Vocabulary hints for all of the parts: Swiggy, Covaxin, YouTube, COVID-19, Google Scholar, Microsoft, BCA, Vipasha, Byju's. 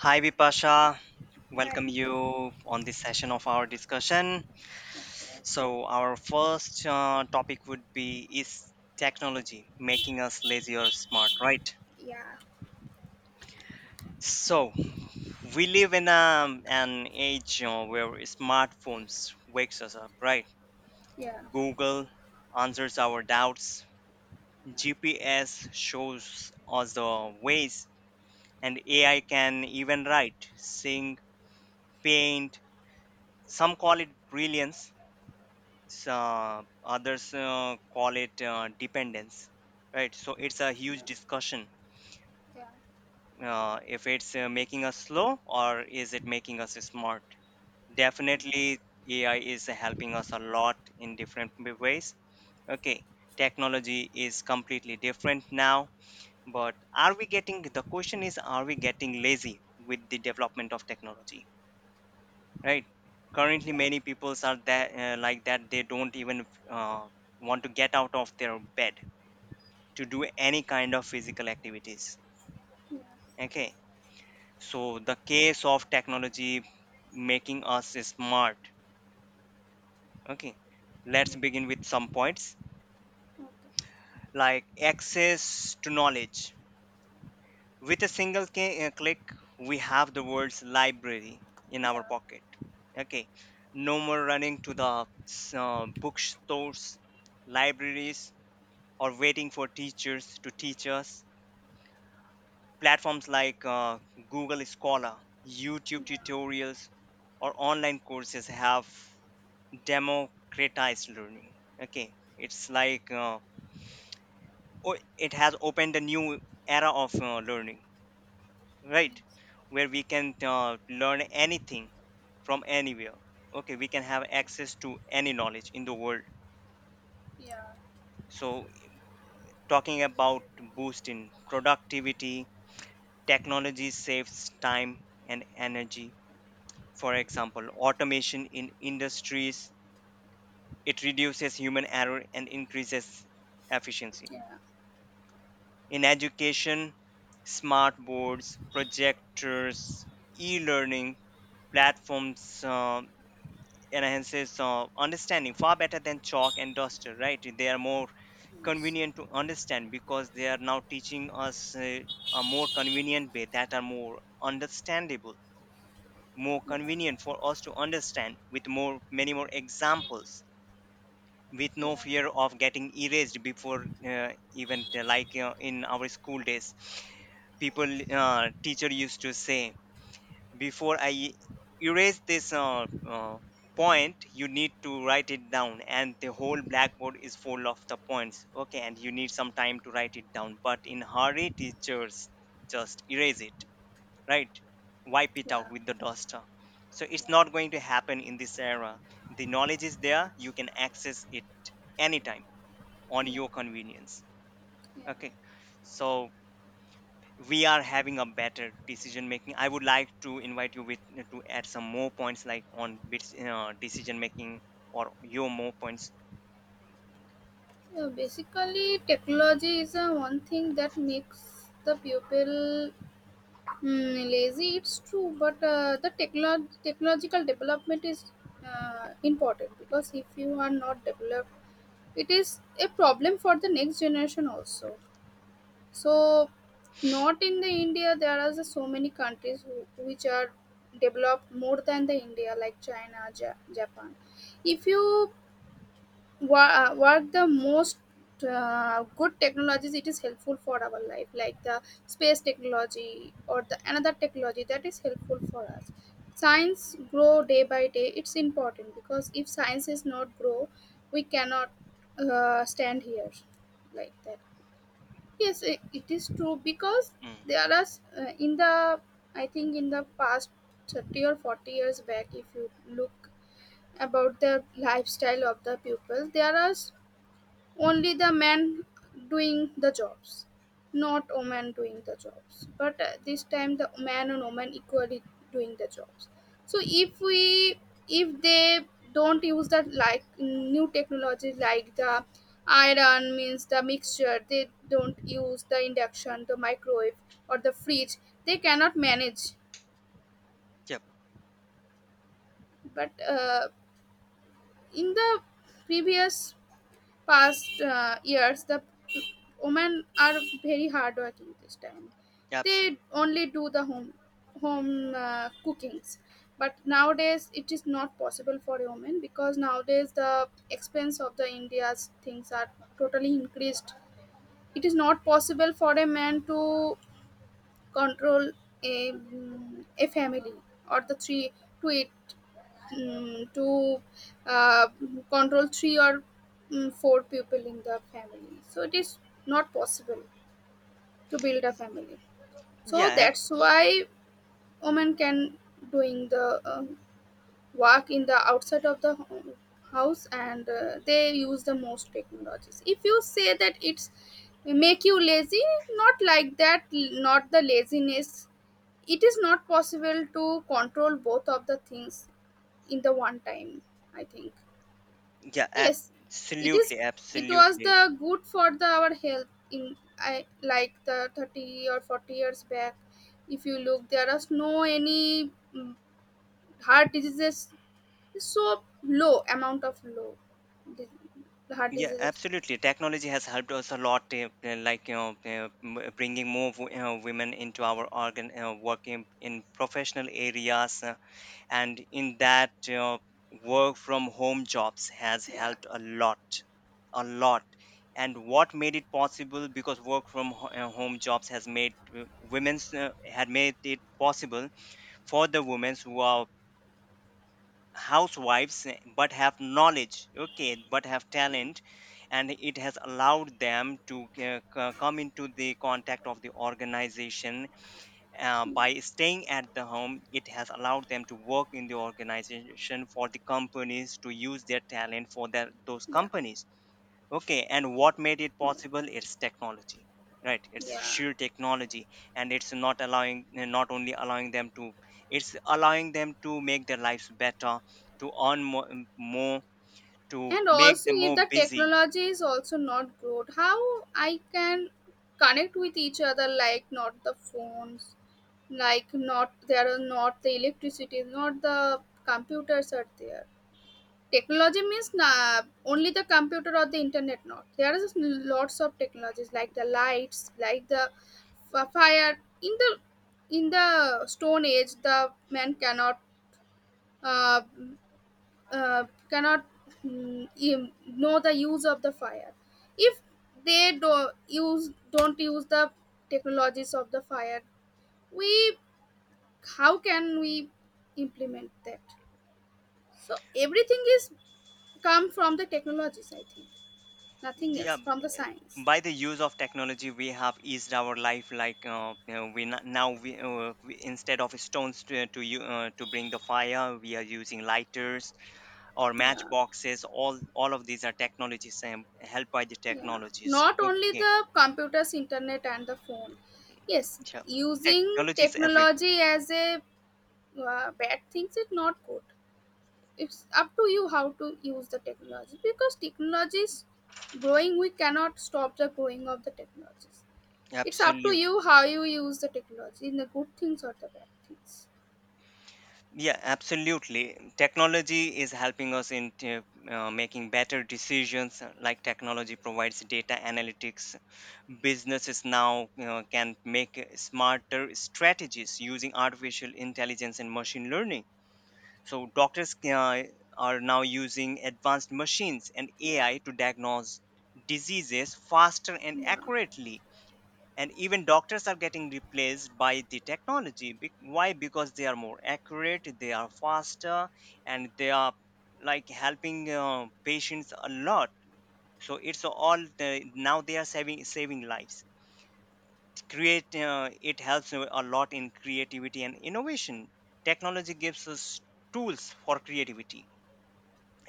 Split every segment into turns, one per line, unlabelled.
Hi Vipasha, welcome you on this session of our discussion. So, our first topic would be is technology making us lazy or smart, right? So, we live in an age where smartphones wakes us up, right? Google answers our doubts, GPS shows us the ways, and AI can even write, sing, paint. Some call it brilliance, so others call it dependence, right? So it's a huge discussion, if it's making us slow or is it making us smart. Definitely AI is helping us a lot in different ways. Okay, technology is completely different now, but are we getting the question is are we getting lazy with the development of technology, right? Currently many peoples are that like that they don't even want to get out of their bed to do any kind of physical activities. Okay, so the case of technology making us smart. Okay, let's begin with some points like access to knowledge. With a single click, we have the world's library in our pocket. Okay, no more running to the bookstores, libraries, or waiting for teachers to teach us. Platforms like Google Scholar, YouTube tutorials, or online courses have democratized learning. Okay, it's like it has opened a new era of learning, right? Where we can learn anything from anywhere. Okay, we can have access to any knowledge in the world. So, talking about boost in productivity, technology saves time and energy. For example, automation in industries, it reduces human error and increases efficiency. In education, smart boards, projectors, e-learning platforms enhances understanding far better than chalk and duster, right? They are more convenient to understand because they are now teaching us a more convenient way that are more understandable, more convenient for us to understand with more many more examples with no fear of getting erased before even like in our school days, people, teacher used to say, before I erase this point you need to write it down, and the whole blackboard is full of the points. Okay, and you need some time to write it down, but in hurry teachers just erase it, right? Wipe it out with the duster. So it's not going to happen in this era. The knowledge is there, you can access it anytime on your convenience. Okay, so we are having a better decision making. I would like to invite you with to add some more points like on bits, decision making or your more points.
Yeah, basically, technology is one thing that makes the pupil lazy. It's true, but the technological development is important because if you are not developed, it is a problem for the next generation also. So, not in the India, there are so many countries which are developed more than the India, like China, Japan. If you What the most good technologies it is helpful for our life like the space technology or the another technology that is helpful for us. Science grow day by day, it's important because if science is not grow we cannot stand here like that. Yes, it is true because
Hmm.
there are in the, I think, in the past 30 or 40 years back if you look about the lifestyle of the people, there are only the men doing the jobs, not women doing the jobs, but this time the man and woman equally doing the jobs. So if we, if they don't use the like new technology like the iron means the mixture, they don't use the induction, the microwave or the fridge, they cannot manage.
Yep.
But in the previous past years the women are very hardworking. This time
Absolutely.
they only do the home cookings, but nowadays it is not possible for a woman because nowadays the expense of the india's things are totally increased. It is not possible for a man to control a, a family or the three to eight, mm, to uh, control three or four people in the family. So it is not possible to build a family. So
Yeah,
that's why women can doing the work in the outside of the house, and they use the most technologies. If you say that it's make you lazy, not like that, not the laziness. It is not possible to control both of the things in the one time, I think.
yeah,
Yes, it is.
absolutely,
It was
absolutely.
the good for the our health in, I like the 30 or 40 years back. If you look, there are no any heart diseases. So low amount of low heart
Yeah,
diseases.
absolutely. Technology has helped us a lot, like you know, bringing more women into our organ working in professional areas, and in that, you work from home jobs has
Yeah,
helped a lot, a lot. And what made it possible? Because work from home jobs has made women's had made it possible for the women who are housewives, eh, but have knowledge, okay, but have talent, and it has allowed them to come into the contact of the organization by staying at the home. It has allowed them to work in the organization for the companies to use their talent for their, those
yeah,
companies. Okay, and what made it possible, it's technology. Right, it's
yeah.
sheer technology. And it's not only allowing them to, it's allowing them to make their lives better, to earn more, more, to
And
make
also,
them
if
more
the
busy.
technology is also not good, how I can connect with each other? Like not the phones, like not, there are not the electricity, not the computers are there. Technology means na, only the computer or the internet? Not, there is lots of technologies like the lights, like the fire in the, in the stone age the man cannot uh, uh, cannot know the use of the fire. If they do use don't use the technologies of the fire, we, how can we implement that? So everything is come from the technologies, I think, nothing
Yeah,
else, from the science.
by the use of technology we have eased our life, like you know, now we, instead of stones to you to bring the fire we are using lighters or
Yeah,
matchboxes. All of these are technologies and helped by the
yeah,
technologies.
not only
Okay,
the computers, internet and the phone. Yes,
yeah,
using
technology is everywhere.
technology as a bad things is not good. It's up to you how to use the technology, because technology is growing, we cannot stop the growing of the technologies. It's up to
Absolutely,
you how you use the technology in the good things or the bad things.
yeah, absolutely. Technology is helping us in making better decisions, like technology provides data analytics. Businesses now, you know, can make smarter strategies using artificial intelligence and machine learning. So are now using advanced machines and
Yeah,
AI to diagnose diseases faster and
yeah,
accurately. And even doctors are getting replaced by the technology. Why? Because they are more accurate, they are faster, and they are like helping patients a lot. So it's all the, now they are saving saving lives. Create It helps a lot in creativity and innovation. Technology gives us tools for creativity: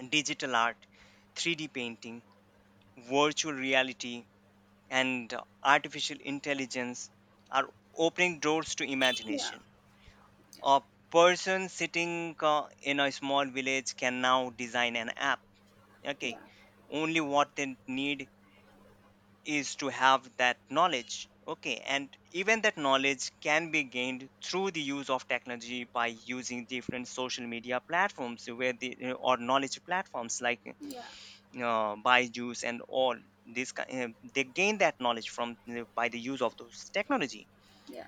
digital art, 3D painting, virtual reality, and artificial intelligence are opening doors to
yeah,
imagination. A person sitting in a small village can now design an app. Okay, only what they need is to have that knowledge. Okay, and even that knowledge can be gained through the use of technology by using different social media platforms where the or knowledge platforms like
yeah,
Byju's and all this they gain that knowledge from the, by the use of those technology.
yeah,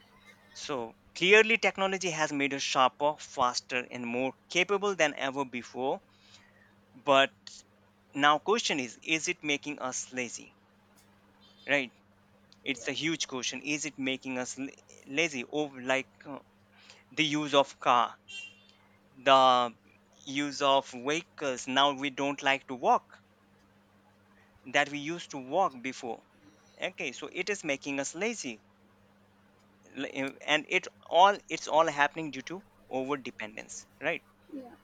So clearly, technology has made us sharper, faster, and more capable than ever before. But now, question is: is it making us lazy? Right? It's a
yeah,
huge question. Is it making us lazy? Oh, like the use of car, the use of vehicles. Now we don't like to walk that we used to walk before. Okay, so it is making us lazy. And it's all happening due to over dependence, right?
yeah.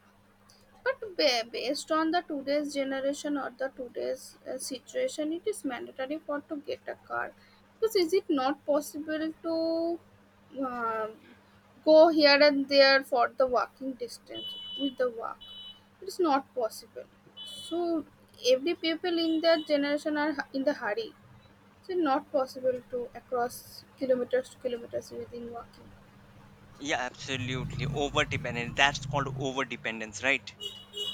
But based on the today's generation or the today's situation, it is mandatory for to get a car. Because is it not possible to uh, go here and there for the walking distance with the walk? It is not possible. So every people in that generation are in the hurry. So not possible to across kilometers to kilometers within walking.
Yeah, absolutely, over dependence, that's called over dependence, right?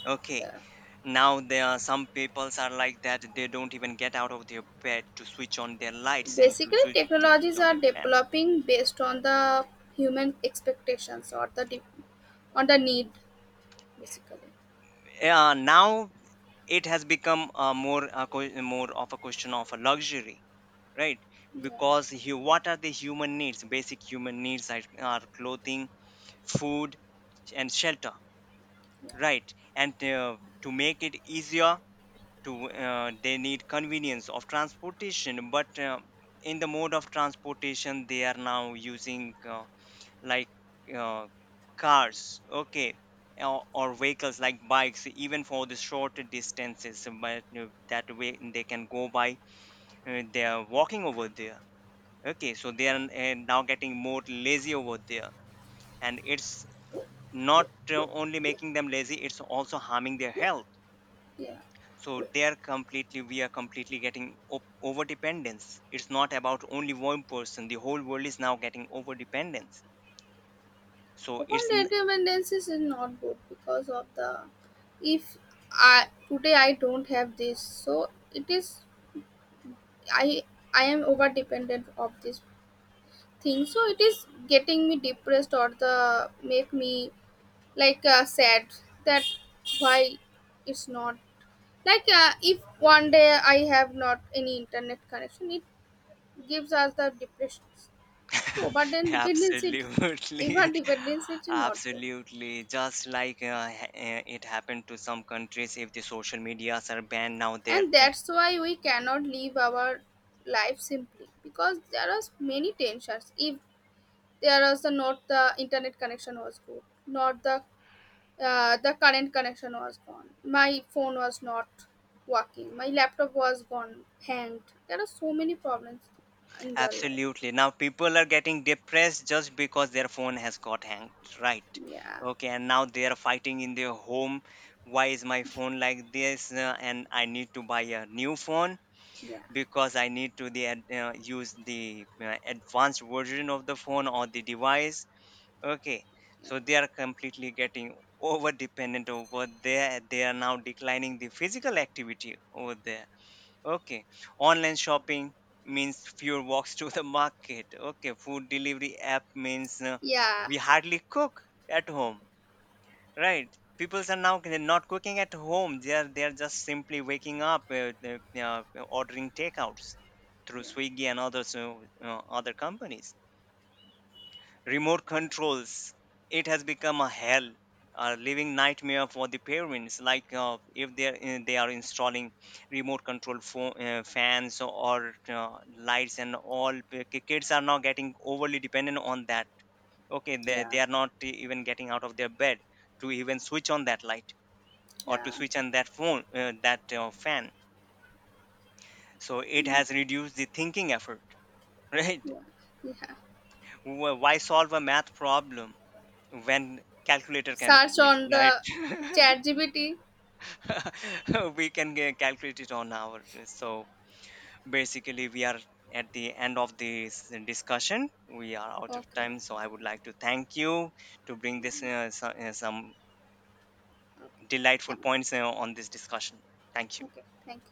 Okay,
Yeah.
now there are some peoples are like that they don't even get out of their bed to switch on their lights and
Basically,
to switch
technologies
on
are
their fans.
developing based on the human expectations or the on the need, basically.
Now it has become more of a question of a luxury, right?
Yeah,
Because you, what are the human needs, basic human needs are clothing, food and shelter. Right, and to make it easier, to they need convenience of transportation. But in the mode of transportation, they are now using like uh, cars, okay, or vehicles like bikes, even for the short distances. But that way, they can go by. They are walking over there. Okay, so they are now getting more lazy over there, and it's not only making them lazy; it's also harming their health.
yeah.
So they are completely we are completely getting over dependence. It's not about only one person, the whole world is now getting over dependence. So
Open dependencies is not good because of the, if I today I don't have this, so it is, I I am over dependent of this thing, so it is getting me depressed or the make me like sad. That why it's not like if one day I have not any internet connection, it gives us the depressions. So but then dependency
absolutely.
even dependency is not good.
Absolutely, just like it happened to some countries. If the social medias are banned now they're.
And that's why we cannot live our life simply, because there are many tensions. If there was the, not the internet connection was good, not the the current connection was gone, my phone was not working, my laptop was gone hanged, there are so many problems in their life.
Absolutely. Now people are getting depressed just because their phone has got hacked, right?
Yeah,
Okay, and now they are fighting in their home. Why is my phone like this? And I need to buy a new phone
yeah.
because I need to the use the advanced version of the phone or the device. Okay,
Yeah,
so they are completely getting over dependent over there. They are now declining the physical activity over there. Okay. Online shopping means fewer walks to the market. Okay. Food delivery app means
yeah,
we hardly cook at home, right? People are now not cooking at home. They are just simply waking up, ordering takeouts through Swiggy and others, other companies. Remote controls, it has become a hell, a living nightmare for the parents, like if they are, eh, they are installing remote control phone, fans or lights, and all kids are now getting overly dependent on that. Okay,
yeah,
they are not even getting out of their bed to even switch on that light or to
yeah,
switch on that phone that fan. So it has reduced the thinking effort. Right.
yeah.
Why solve a math problem when calculator can
Search
do it,
on
right?
the chat GBT.
We can calculate it on our. So basically we are at the end of this discussion, we are out of
Okay,
time, so I would like to thank you to bring this some
okay,
delightful
thank,
points on this discussion. Thank you.
okay, thank